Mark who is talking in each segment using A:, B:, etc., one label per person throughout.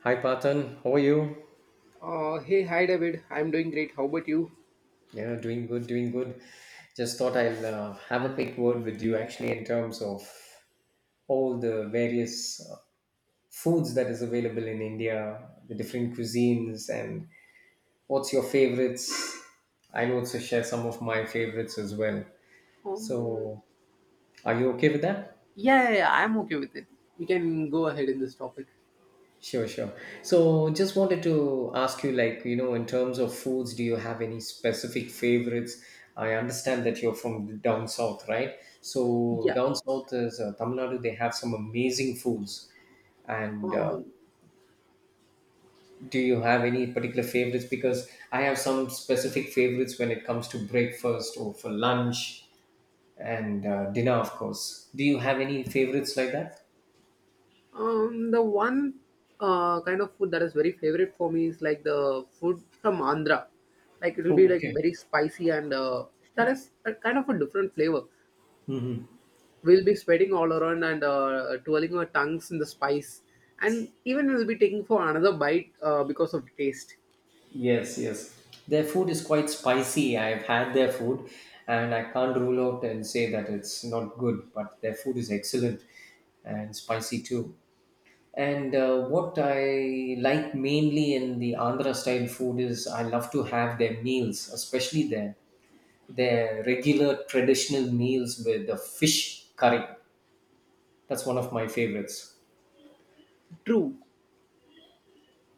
A: Hi Patan, how are you?
B: Hi David. I'm doing great. How about you?
A: Yeah, doing good, doing good. Just thought I'll have a quick word with you actually in terms of all the various foods that is available in India, the different cuisines, and what's your favorites? I'll also share some of my favorites as well.
B: Um,
A: So, are you okay with that?
B: yeah, yeah, yeah, I'm okay with it. We can go ahead in this topic.
A: Sure, sure. So just wanted to ask you, like, in terms of foods, do you have any specific favorites? I understand that you're from down south, right? So
B: Yeah.
A: down south is Tamil Nadu, they have some amazing foods. And
B: Um,
A: do you have any particular favorites? Because I have some specific favorites when it comes to breakfast or for lunch and dinner, of course. Do you have any favorites like that?
B: the one kind of food that is very favorite for me is like the food from Andhra. Like it will be
A: Oh,
B: like
A: okay.
B: very spicy and that is a kind of a different flavor. We'll be sweating all around and twirling our tongues in the spice, and even we'll be taking for another bite because of taste.
A: Yes, yes. Their food is quite spicy. I've had their food and I can't rule out and say that it's not good, but their food is excellent and spicy too. And what I like mainly in the Andhra style food is I love to have their meals, especially their regular traditional meals with the fish curry. That's one of my favorites.
B: True.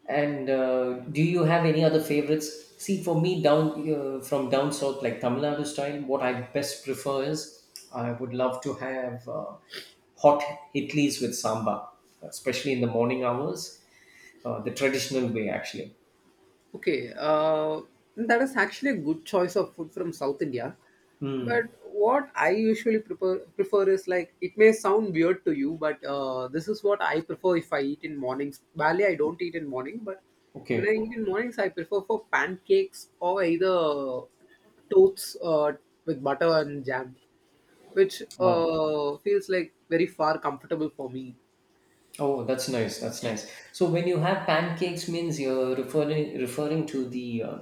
A: And do you have any other favorites? See, for me, down from down south, like Tamil Nadu style, what I best prefer is I would love to have hot idlis with sambar, especially in the morning hours, the traditional way actually.
B: Okay, that is actually a good choice of food from South India. But what I usually prefer is like it may sound weird to you, but this is what I prefer if I eat in mornings. Barely I don't eat in morning, but when I
A: Okay.
B: eat in mornings, I prefer for pancakes or either toasts with butter and jam, which
A: Wow.
B: feels like very far comfortable for me.
A: Oh, that's nice. That's nice. So when you have pancakes, means you're referring to the uh,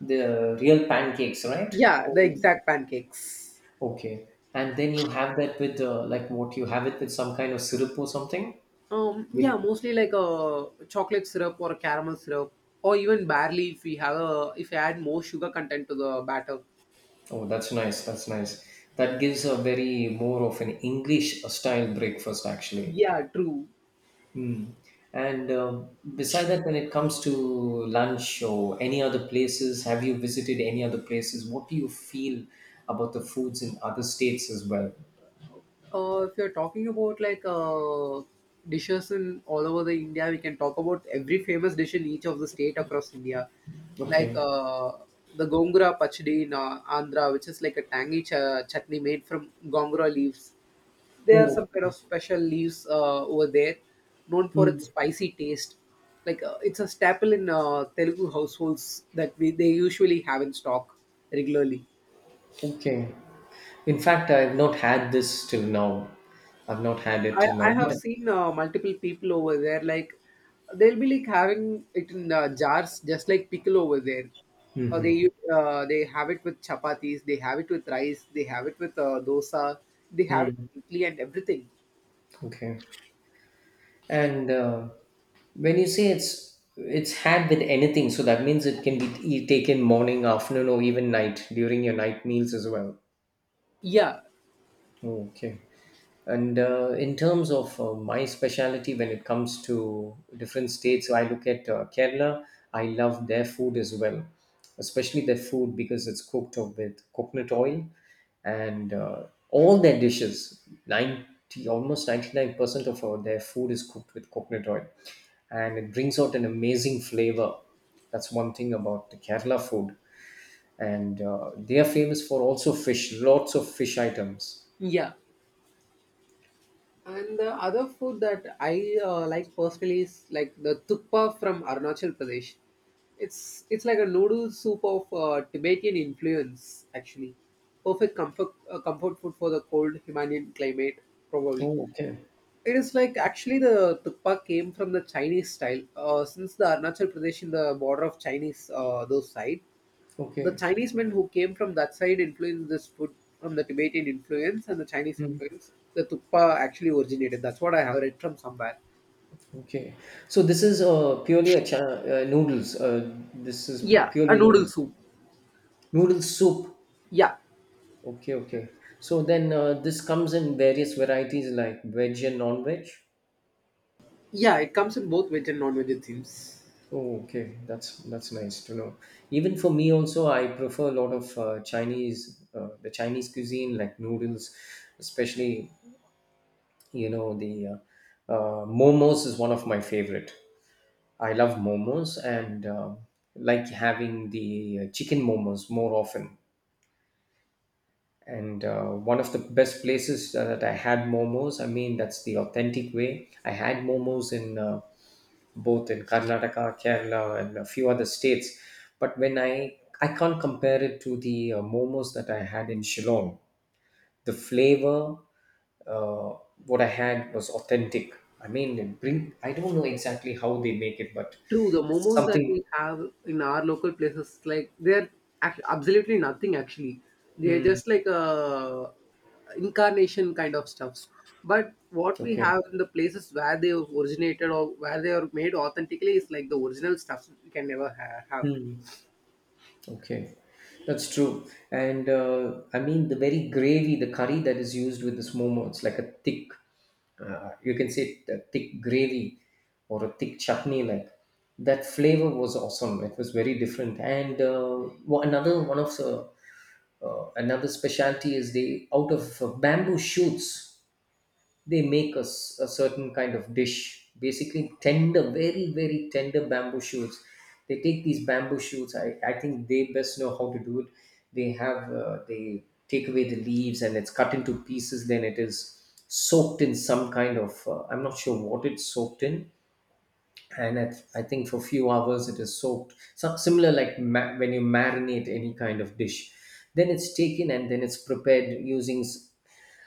A: the real pancakes, right?
B: Yeah, the
A: Oh.
B: exact pancakes.
A: Okay. And then you have that with like what you have it with some kind of syrup or something. It,
B: Yeah, mostly like a chocolate syrup or a caramel syrup, or even barley if we have a if we add more sugar content to the batter.
A: oh, that's nice. That's nice. That gives a very more of an English style breakfast actually.
B: Yeah, true.
A: Mm. And beside that, when it comes to lunch or any other places, have you visited any other places? What do you feel about the foods in other states as well?
B: If you're talking about like dishes in all over the India, we can talk about every famous dish in each of the state across India, like
A: Okay.
B: the gongura pachdi in Andhra, which is like a tangy chutney made from gongura leaves. There are
A: Oh,
B: some kind of special leaves over there, known for
A: mm,
B: its spicy taste. Like it's a staple in Telugu households that we they usually have in stock regularly.
A: okay. In fact, I've not had this till now. I've not had it
B: I,
A: till
B: I
A: now,
B: have
A: but.
B: seen multiple people over there like they'll be like having it in jars just like pickle over there. They have it with chapatis, they have it with rice, they have it with dosa, they have it
A: Hmm.
B: with idli and everything.
A: Okay. And when you say it's had with anything, so that means it can be taken morning, afternoon, or even night during your night meals as well.
B: Yeah,
A: Okay. And in terms of my specialty when it comes to different states, so I look at Kerala. I love their food as well, especially their food because it's cooked up with coconut oil and all their dishes, 90, almost 99% of their food is cooked with coconut oil. And it brings out an amazing flavor. That's one thing about the Kerala food. And they are famous for also fish, lots of fish items.
B: yeah. And the other food that I like personally is like the thukpa from Arunachal Pradesh. It's like a noodle soup of Tibetan influence actually. Perfect comfort food for the cold Himalayan climate probably.
A: Oh, okay.
B: It is like actually the thukpa came from the Chinese style since the Arunachal Pradesh in the border of Chinese those side the
A: Okay.
B: Chinese men who came from that side influenced this food from the Tibetan influence and the Chinese
A: Mm,
B: influence. The thukpa actually originated. That's what I have read from somewhere.
A: okay. So this is purely a cha noodles. This is
B: Yeah, a
A: purely
B: noodle
A: noodles.
B: soup.
A: Noodle soup.
B: Yeah,
A: Okay, okay. So then this comes in various varieties like veg and non-veg.
B: yeah, it comes in both veg and non-veg it seems.
A: Oh, okay. That's nice to know. Even for me also, I prefer a lot of Chinese, the Chinese cuisine like noodles, especially the momos is one of my favorite. I love momos and like having the chicken momos more often. And one of the best places that I had momos, I mean, that's the authentic way. I had momos in both in Karnataka, Kerala, and a few other states. But when I can't compare it to the momos that I had in Shillong. The flavor, uh, what I had was authentic. I mean, it bring I don't know exactly how they make it, but
B: True, the
A: it's
B: momos that
A: something.
B: we have in our local places, like they're absolutely nothing actually. They're
A: Hmm.
B: just like a incarnation kind of stuffs. But what we
A: Okay.
B: have in the places where they originated or where they are made authentically is like the original stuff we can never have.
A: Hmm. Okay, that's true. And I mean, the very gravy, the curry that is used with this momo, it's like a thick, you can say a thick gravy or a thick chutney. Like that flavor was awesome. It was very different. And another specialty is they out of bamboo shoots. They make us a certain kind of dish, basically tender, very, very tender bamboo shoots. They take these bamboo shoots. I think they best know how to do it. They take away the leaves and it's cut into pieces, then it is soaked in some kind of I'm not sure what it's soaked in. And I think for few hours it is soaked, so similar like when you marinate any kind of dish, then it's taken and then it's prepared using s-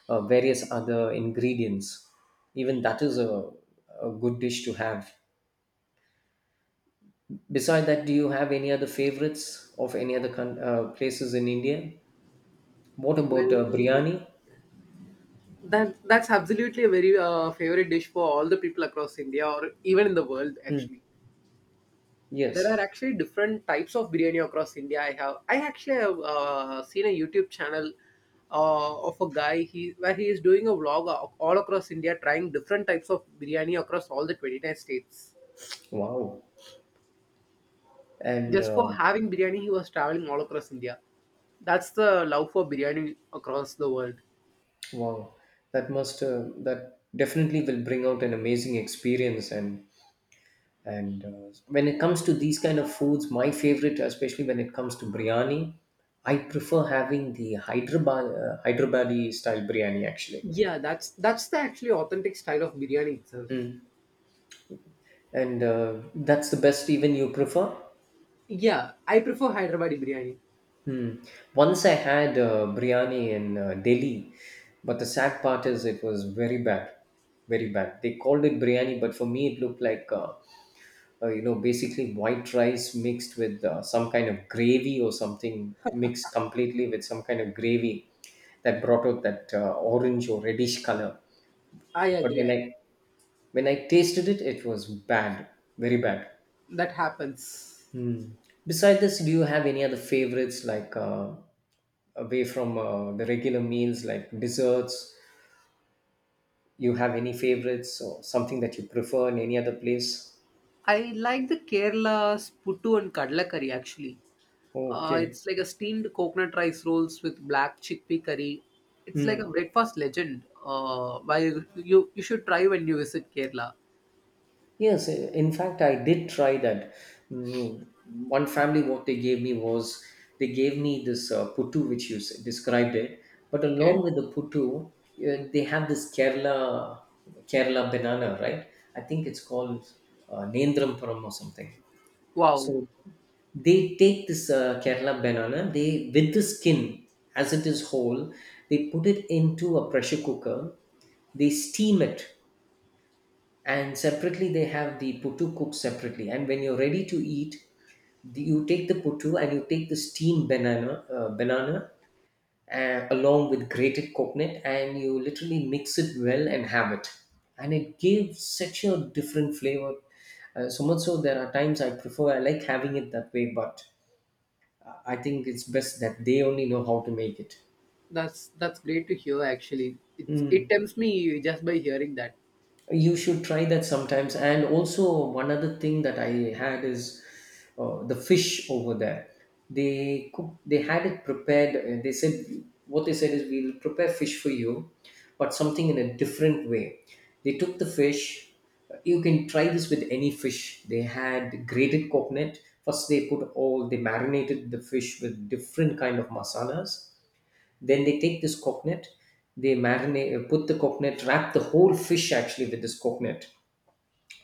A: uh, various other ingredients. Even that is a good dish to have. Beside that, do you have any other favorites of any other places in India? What about
B: When
A: biryani?
B: that that's absolutely a very favorite dish for all the people across India or even in the world
A: Hmm.
B: actually. There are
A: Yes.
B: actually different types of biryani across India. I actually have seen a YouTube channel of a guy he where he is doing a vlog all across India, trying different types of biryani across all the 29 states.
A: Wow. And
B: Just for having biryani, he was traveling all across India. That's the love for biryani across the world.
A: wow, that must that definitely will bring out an amazing experience. And when it comes to these kind of foods, my favorite, especially when it comes to biryani, I prefer having the Hyderabadi style biryani actually.
B: Yeah, that's the actually authentic style of biryani itself.
A: Mm. And that's the best even you prefer?
B: Yeah, I prefer Hyderabadi biryani.
A: Hmm. Once I had biryani in Delhi, but the sad part is it was very bad, very bad. They called it biryani, but for me it looked like basically white rice mixed with some kind of gravy or something, mixed completely with some kind of gravy that brought out that orange or reddish color.
B: I
A: But
B: agree.
A: when i when i tasted it, it was bad, very bad.
B: That happens.
A: Hmm. Besides this, do you have any other favorites like away from the regular meals, like desserts? You have any favorites or something that you prefer in any other place?
B: I like the Kerala's puttu and kadla curry actually.
A: Okay.
B: It's like a steamed coconut rice rolls with black chickpea curry. It's like a
A: Hmm.
B: breakfast legend. Why you should try when you visit Kerala.
A: Yes, in fact, I did try that. Mm. One family, what they gave me was, they gave me this puttu, which you described it. But
B: Okay.
A: along with the puttu, they have this Kerala banana, right? I think it's called Nendrampuram or something.
B: Wow,
A: So they take this Kerala banana, they with the skin as it is whole, they put it into a pressure cooker, they steam it, and separately they have the puttu cooked separately, and when you're ready to eat you take the puttu and you take the steamed banana along with grated coconut and you literally mix it well and have it, and it gives such a different flavor. So much so, there are times I like having it that way, but I think it's best that they only know how to make it.
B: that's great to hear. Actually, it's it
A: Mm.
B: tempts me just by hearing that.
A: You should try that sometimes, and also one other thing that I had is the fish over there. They had it prepared. They said, what they said is, we'll prepare fish for you, but something in a different way. They took the fish. You can try this with any fish. They had grated coconut. First, they put all they marinated the fish with different kind of masalas. Then they take this coconut, they put the coconut, wrap the whole fish actually with this coconut.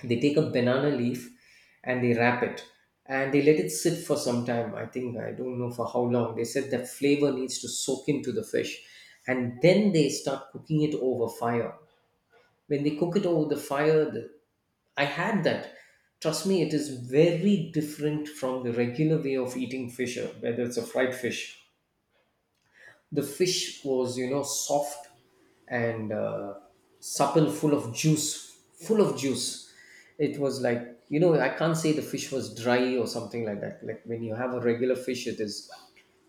A: They take a banana leaf and they wrap it, and they let it sit for some time. I think, I don't know for how long. They said that flavor needs to soak into the fish, and then they start cooking it over fire. When they cook it over the fire, I had that. Trust me, it is very different from the regular way of eating fish, whether it's a fried fish. The fish was, soft and supple, full of juice, full of juice. It was like, I can't say the fish was dry or something like that, like when you have a regular fish, it is.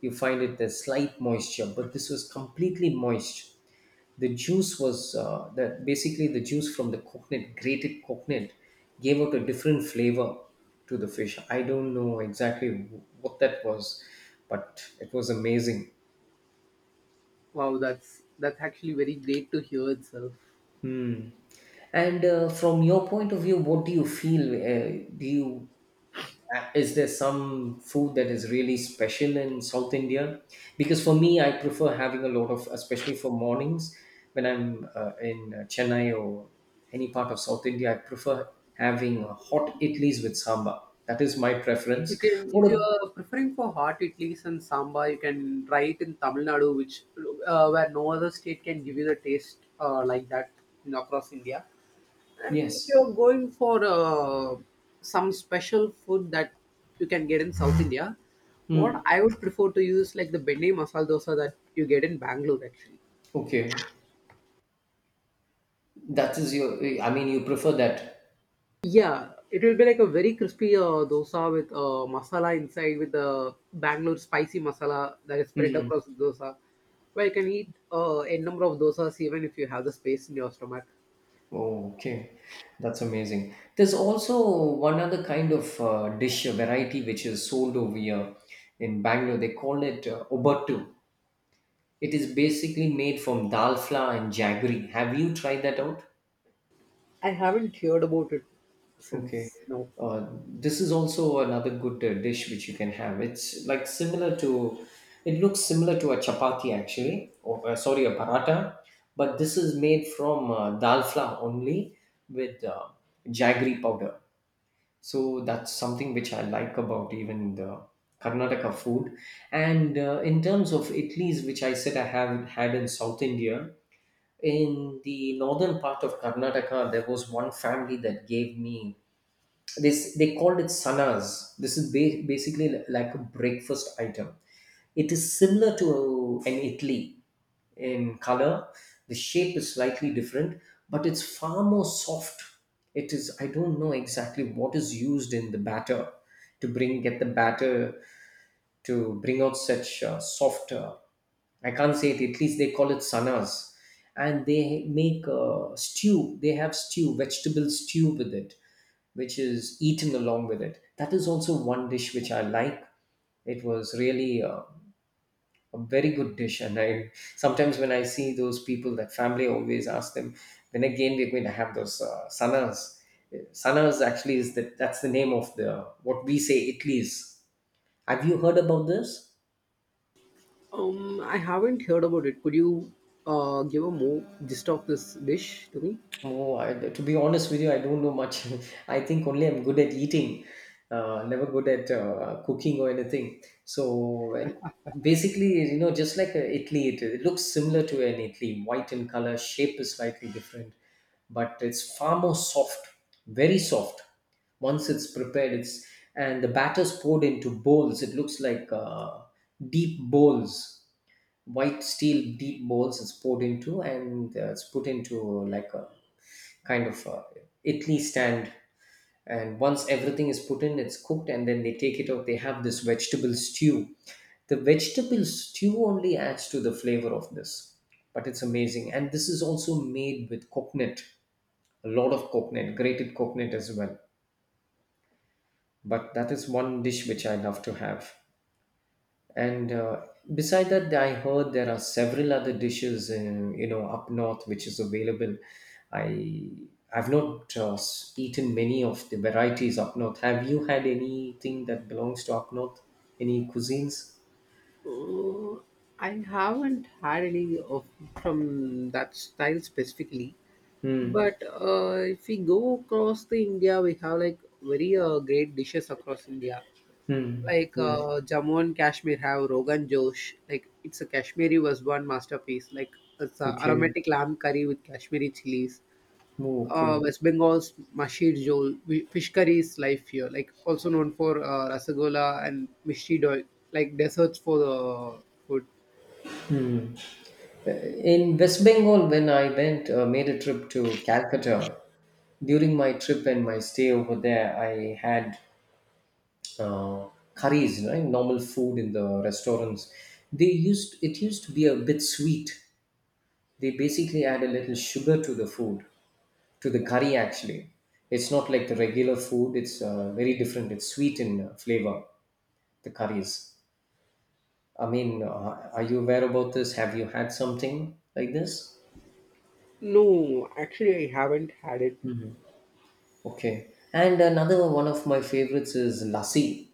A: You find it, there's slight moisture, but this was completely moist. The juice was, that basically the juice from the coconut grated coconut gave out a different flavor to the fish. I don't know exactly what that was, but it was amazing.
B: Wow, that's actually very great to hear itself.
A: Hmm. And from your point of view, what do you feel? Do you is there some food that is really special in South India? Because for me, I prefer having a lot of, especially for mornings when I'm in Chennai or any part of South India, I prefer having hot idlis with sambar. That is my
B: You
A: preference.
B: can, if
A: What?
B: you
A: A,
B: are preferring for hot idlis and sambar, you can try it in Tamil Nadu, which where no other state can give you the taste like that in, across India. And if you are
A: yes.
B: going for some special food that you can get in South India, what
A: Hmm.
B: I would prefer to use like the benne masala dosa that you get in Bangalore actually.
A: Okay. That is your. I mean, you prefer that.
B: Yeah, it will be like a very crispy dosa with masala inside with the Bangalore spicy masala that is spread
A: Hmm.
B: across the dosa. Where you can eat a number of dosas even if you have the space in your stomach.
A: Oh, okay. That's amazing. There's also one other kind of dish, a variety which is sold over here in Bangalore. They call it obattu. It is basically made from dal flour and jaggery. Have you tried that out?
B: I haven't heard about it
A: Okay.
B: since now.
A: This is also another good dish which you can have. It's like similar to, it looks similar to a chapati actually, or sorry, a paratha, but this is made from dal flour only with jaggery powder. So that's something which I like about even the Karnataka food. And in terms of Italy's, which I said I have had in South India, in the northern part of Karnataka, there was one family that gave me they they called it sanas. This is basically like a breakfast item. It is similar to an idli in color. The shape is slightly different, but it's far more soft. It is I don't know exactly what is used in the batter to bring get the batter to bring out such soft I can't say it. At least they call it sanas, and they make stew they have stew vegetable stew with it, which is eaten along with it. That is also one dish which I like. It was really a very good dish, and I sometimes when I see those people, that family, I always ask them when again we're going to have those sanas. Sanas actually is that's the name of the what we say itlis. Have you heard about this?
B: I haven't heard about it. Could you give a more gist of this dish to me?
A: Oh, to be honest with you, I don't know much. I think only I'm good at eating, never good at cooking or anything. So, and basically, just like Italy, it looks similar to an Italy, white in color, shape is slightly different, but it's far more soft, very soft. Once it's prepared, it's and the batter's poured into bowls. It looks like deep bowls, white steel deep bowls. It's poured into, and it's put into like a kind of Italy stand. And once everything is put in, it's cooked, and then they take it out. They have this vegetable stew. The vegetable stew only adds to the flavor of this, but it's amazing. And this is also made with coconut, a lot of coconut, grated coconut as well. But that is one dish which I love to have. And beside that, I heard there are several other dishes in you know up north which is available. I I've not eaten many of the varieties up north. Have you had anything that belongs to up north? Any cuisines?
B: Uh, I haven't had any of from that style specifically.
A: Hmm.
B: But if we go across the India, we have like very great dishes across India.
A: Hmm.
B: Like
A: Yes.
B: Jammu and Kashmir have Rogan Josh. Like it's a Kashmiri was one masterpiece. Like it's a
A: Okay.
B: aromatic lamb curry with Kashmiri chilies.
A: Oh, okay.
B: West Bengal's Mashir Jol, fish curry is life here. Like also known for Rasagola and Mishti Doi, like desserts for the food.
A: In West Bengal, when I went, made a trip to Calcutta, during my trip and my stay over there, I had uh, curries, right? Normal food in the restaurants. They used it used to be a bit sweet. They basically add a little sugar to the food, to the curry actually. It's not like the regular food. It's very different. It's sweet in flavor. The curries. I mean, are you aware about this? Have you had something like this?
B: No, actually I haven't had it.
A: Okay. And another one of my favorites is lassi.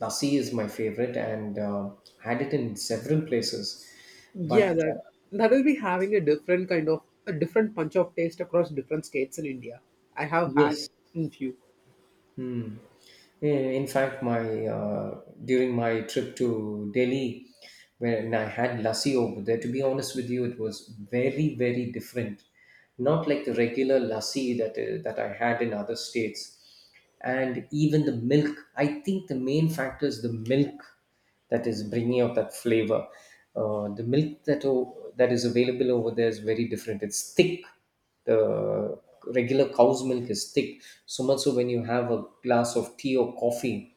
A: Lassi is my favorite, and had it in several places. But
B: Yeah, that
A: uh,
B: that will be having a different punch of taste across different states in India. I have had
A: yes.
B: in few.
A: Hmm. In fact, my during my trip to Delhi, when I had lassi over there, to be honest with you, it was very very different. Not like the regular lassi that that I had in other states. And even the milk, I think the main factor is the milk that is bringing out that flavor. The milk that that is available over there is very different. It's thick the regular cow's milk is thick, so much so when you have a glass of tea or coffee,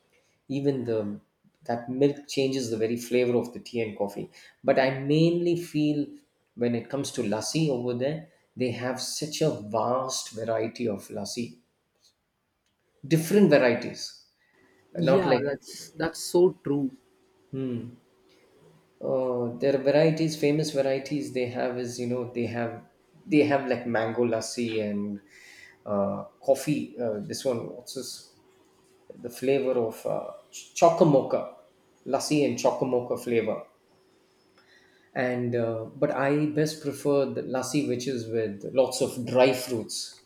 A: even the that milk changes the very flavor of the tea and coffee. But I mainly feel when it comes to lassi over there, they have such a vast variety of lassi, different varieties, not
B: Yeah,
A: like
B: that's so true.
A: hmm, their varieties, famous varieties they have is you know they have like mango lassi and coffee. This one, what's this? The flavor of chocomocha, lassi and chocomocha flavor. And but I best prefer the lassi, which is with lots of dry fruits.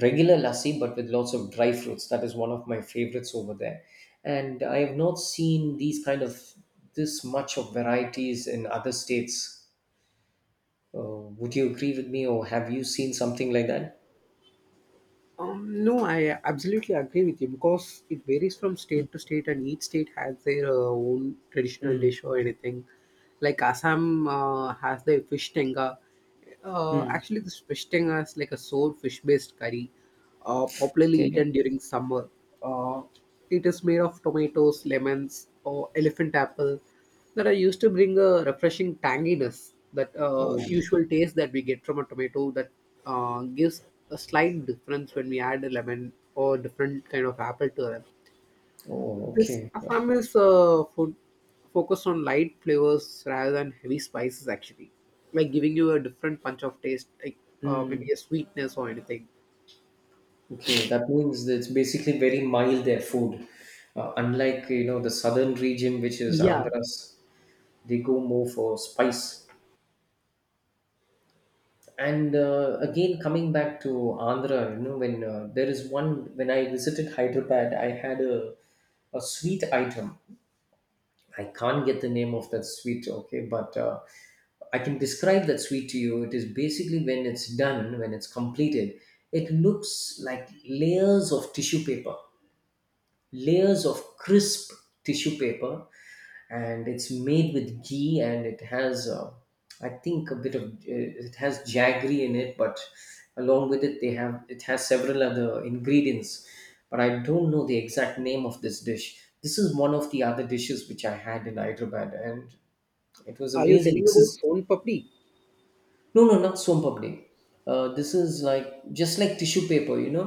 A: Regular lassi, but with lots of dry fruits. That is one of my favorites over there. And I have not seen these kind of this much of varieties in other states. Would you agree with me, or have you seen something like that?
B: No, I absolutely agree with you because it varies from state to state, and each state has their own traditional
A: Mm.
B: dish or anything. Like Assam has the fish tenga.
A: Mm.
B: Actually, this fish tenga is like a sour fish-based curry, popularly
A: Okay.
B: eaten during summer. Uh, it is made of tomatoes, lemons, or elephant apple that I used to bring a refreshing tanginess, that
A: Oh.
B: usual taste that we get from a tomato that gives a slight difference when we add a lemon or different kind of apple to them.
A: Oh.
B: This
A: Okay.
B: Assam is food focused on light flavors rather than heavy spices, actually, like giving you a different punch of taste, like maybe
A: Mm.
B: a sweetness or anything.
A: Okay. That means that it's basically very mild their food, unlike you know the southern region, which is
B: Yeah.
A: Andhra's. They go more for spice. And again, coming back to Andhra, you know, when there is one when I visited Hyderabad, I had a sweet item. I can't get the name of that sweet, okay, but I can describe that sweet to you. It is basically when it's done, when it's completed, it looks like layers of tissue paper, layers of crisp tissue paper, and it's made with ghee, and it has I think a bit of it has jaggery in it, but along with it they have it has several other ingredients. But I don't know the exact name of this dish. This is one of the other dishes which I had in Hyderabad, and it was
B: Are you
A: amazing.
B: telling
A: This
B: about
A: is
B: son papdi?
A: no, no, not sompapdi. This is like just like tissue paper you know,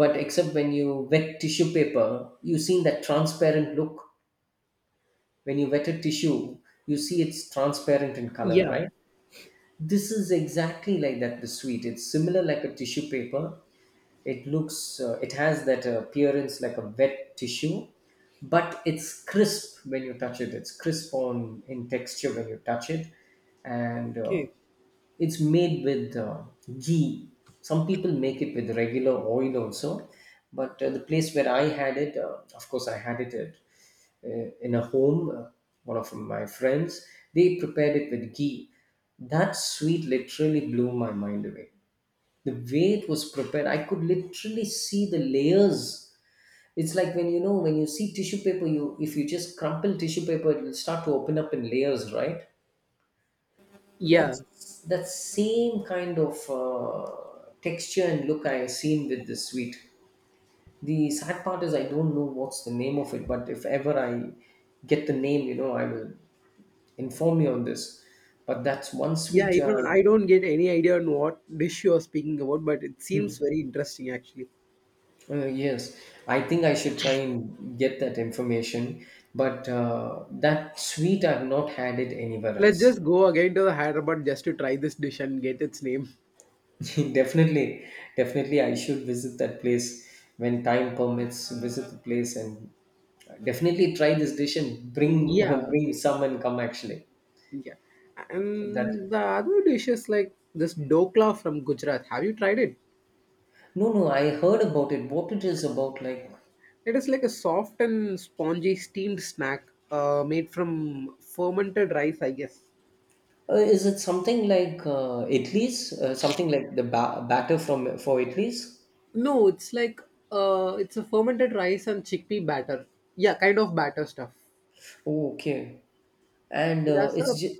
A: but except when you wet tissue paper, you seen that transparent look. When you wet a tissue, you see it's transparent in color,
B: Yeah.
A: right? This is exactly like that, the sweet. It's similar like a tissue paper. It looks it has that appearance like a wet tissue, but it's crisp when you touch it. It's crisp on in texture when you touch it. And
B: Okay.
A: it's made with ghee. Some people make it with regular oil also, but the place where I had it, of course I had it at, in a home, one of my friends, they prepared it with ghee. That sweet literally blew my mind away. The way it was prepared, I could literally see the layers. It's like when you know when you see tissue paper you if you just crumple tissue paper, it will start to open up in layers, right?
B: Yeah.
A: That's that same kind of texture and look I seen with this sweet. The sad part is I don't know what's the name of it, but if ever I get the name you know I will inform you on this. But that's one
B: Yeah,
A: sweet
B: even I don't get any idea on what dish you're speaking about, but it seems very interesting actually.
A: Yes, I think I should try and get that information, but that sweet I've not had it anywhere
B: Let's
A: else.
B: just go again to the Hyderabad just to try this dish and get its name.
A: Definitely, definitely, I should visit that place when time permits. Visit the place and definitely try this dish and bring
B: Yeah,
A: bring some and come actually.
B: yeah. And
A: That
B: the other dish is like this dokla from Gujarat. Have you tried it?
A: no, no, I heard about it. What it is about, like,
B: It is like a soft and spongy steamed snack made from fermented rice, I guess.
A: is it something like Italy's, something like the batter from for Italy's?
B: No, it's like it's a fermented rice and chickpea batter. Yeah, kind of batter stuff.
A: Oh, okay, and
B: It has a
A: it's just.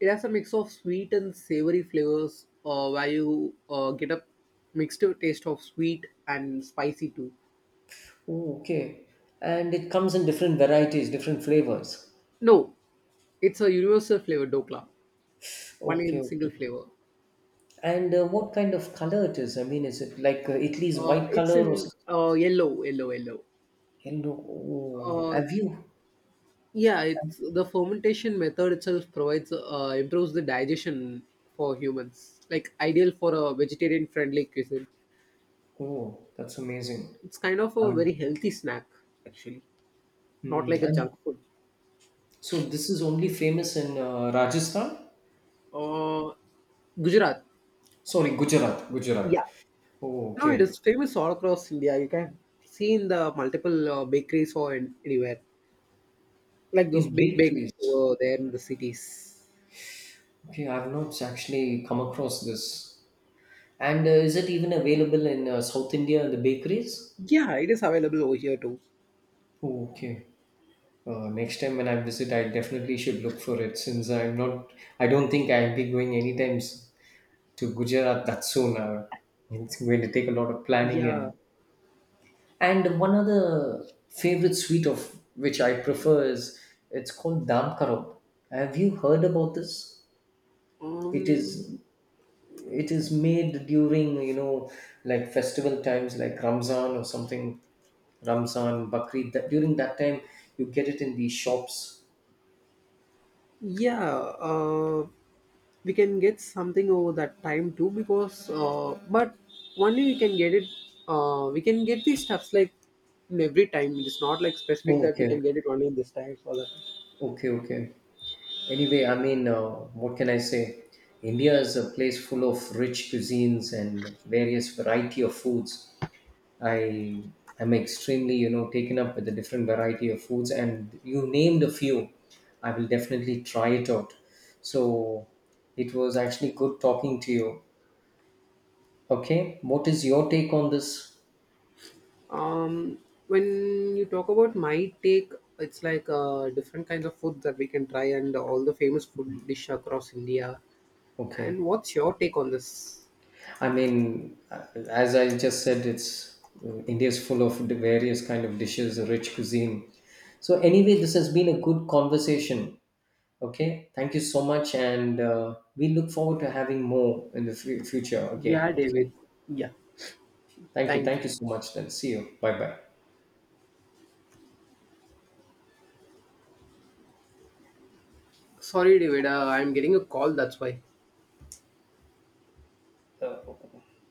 B: it has a mix of sweet and savory flavors, where you get a mixed taste of sweet and spicy too.
A: Oh, okay. And it comes in different varieties, different flavors.
B: No, it's a universal flavor dokla, one
A: Okay,
B: in single
A: okay.
B: flavor.
A: And what kind of color it is? I mean, is it like Italy's white
B: It's
A: color or
B: in
A: something?
B: yellow.
A: Yellow. Oh,
B: Uh,
A: have you?
B: yeah, it's the fermentation method itself provides improves the digestion for humans, like ideal for a vegetarian friendly cuisine.
A: Oh, that's amazing.
B: It's kind of a
A: Um,
B: very healthy snack, actually, not
A: hmm,
B: like a
A: and
B: junk food.
A: so this is only famous in Rajasthan?
B: Uh, Gujarat.
A: Sorry, Gujarat.
B: Yeah.
A: Gujarat. Oh,
B: No, it is
A: okay.
B: famous all across India. You can see in the multiple bakeries or in, anywhere, like those
A: In
B: big bakes
A: bakeries.
B: over there in the cities.
A: Okay, I've not actually come across this. And is it even available in South India, the bakeries?
B: Yeah, it is available over here too.
A: Oh, okay. Next time when I visit, I definitely should look for it since I'm not. I don't think I'll be going anytime to Gujarat that soon. It's going to take a lot of planning
B: Yeah.
A: and one other favorite sweet of which I prefer is it's called dam karob. Have you heard about this? It
B: Um.
A: is it is made during you know like festival times like Ramzan or something. Ramzan Bakri. That during that time you get it in these shops.
B: Yeah. We can get something over that time too because, but only we can get it. We can get these stuffs like in every time. It is not like specific
A: Oh,
B: that we can
A: okay.
B: get it only in this time or that.
A: Okay, okay. Anyway, I mean, what can I say? India is a place full of rich cuisines and various variety of foods. I am extremely, you know, taken up with the different variety of foods, and you named a few. I will definitely try it out. So it was actually good talking to you. Okay, what is your take on this?
B: Um, when you talk about my take, it's like different kinds of food that we can try and all the famous food dish across India. And
A: Okay.
B: what's your take on this?
A: I mean, as I just said, it's India is full of the various kind of dishes, rich cuisine. So anyway, this has been a good conversation. Okay, thank you so much, and we look forward to having more in the future
B: Yeah,
A: again. Okay,
B: David. Yeah. Thank
A: thank
B: you.
A: you so much. Then see you. Bye bye.
B: Sorry, David. I'm getting a call. That's why.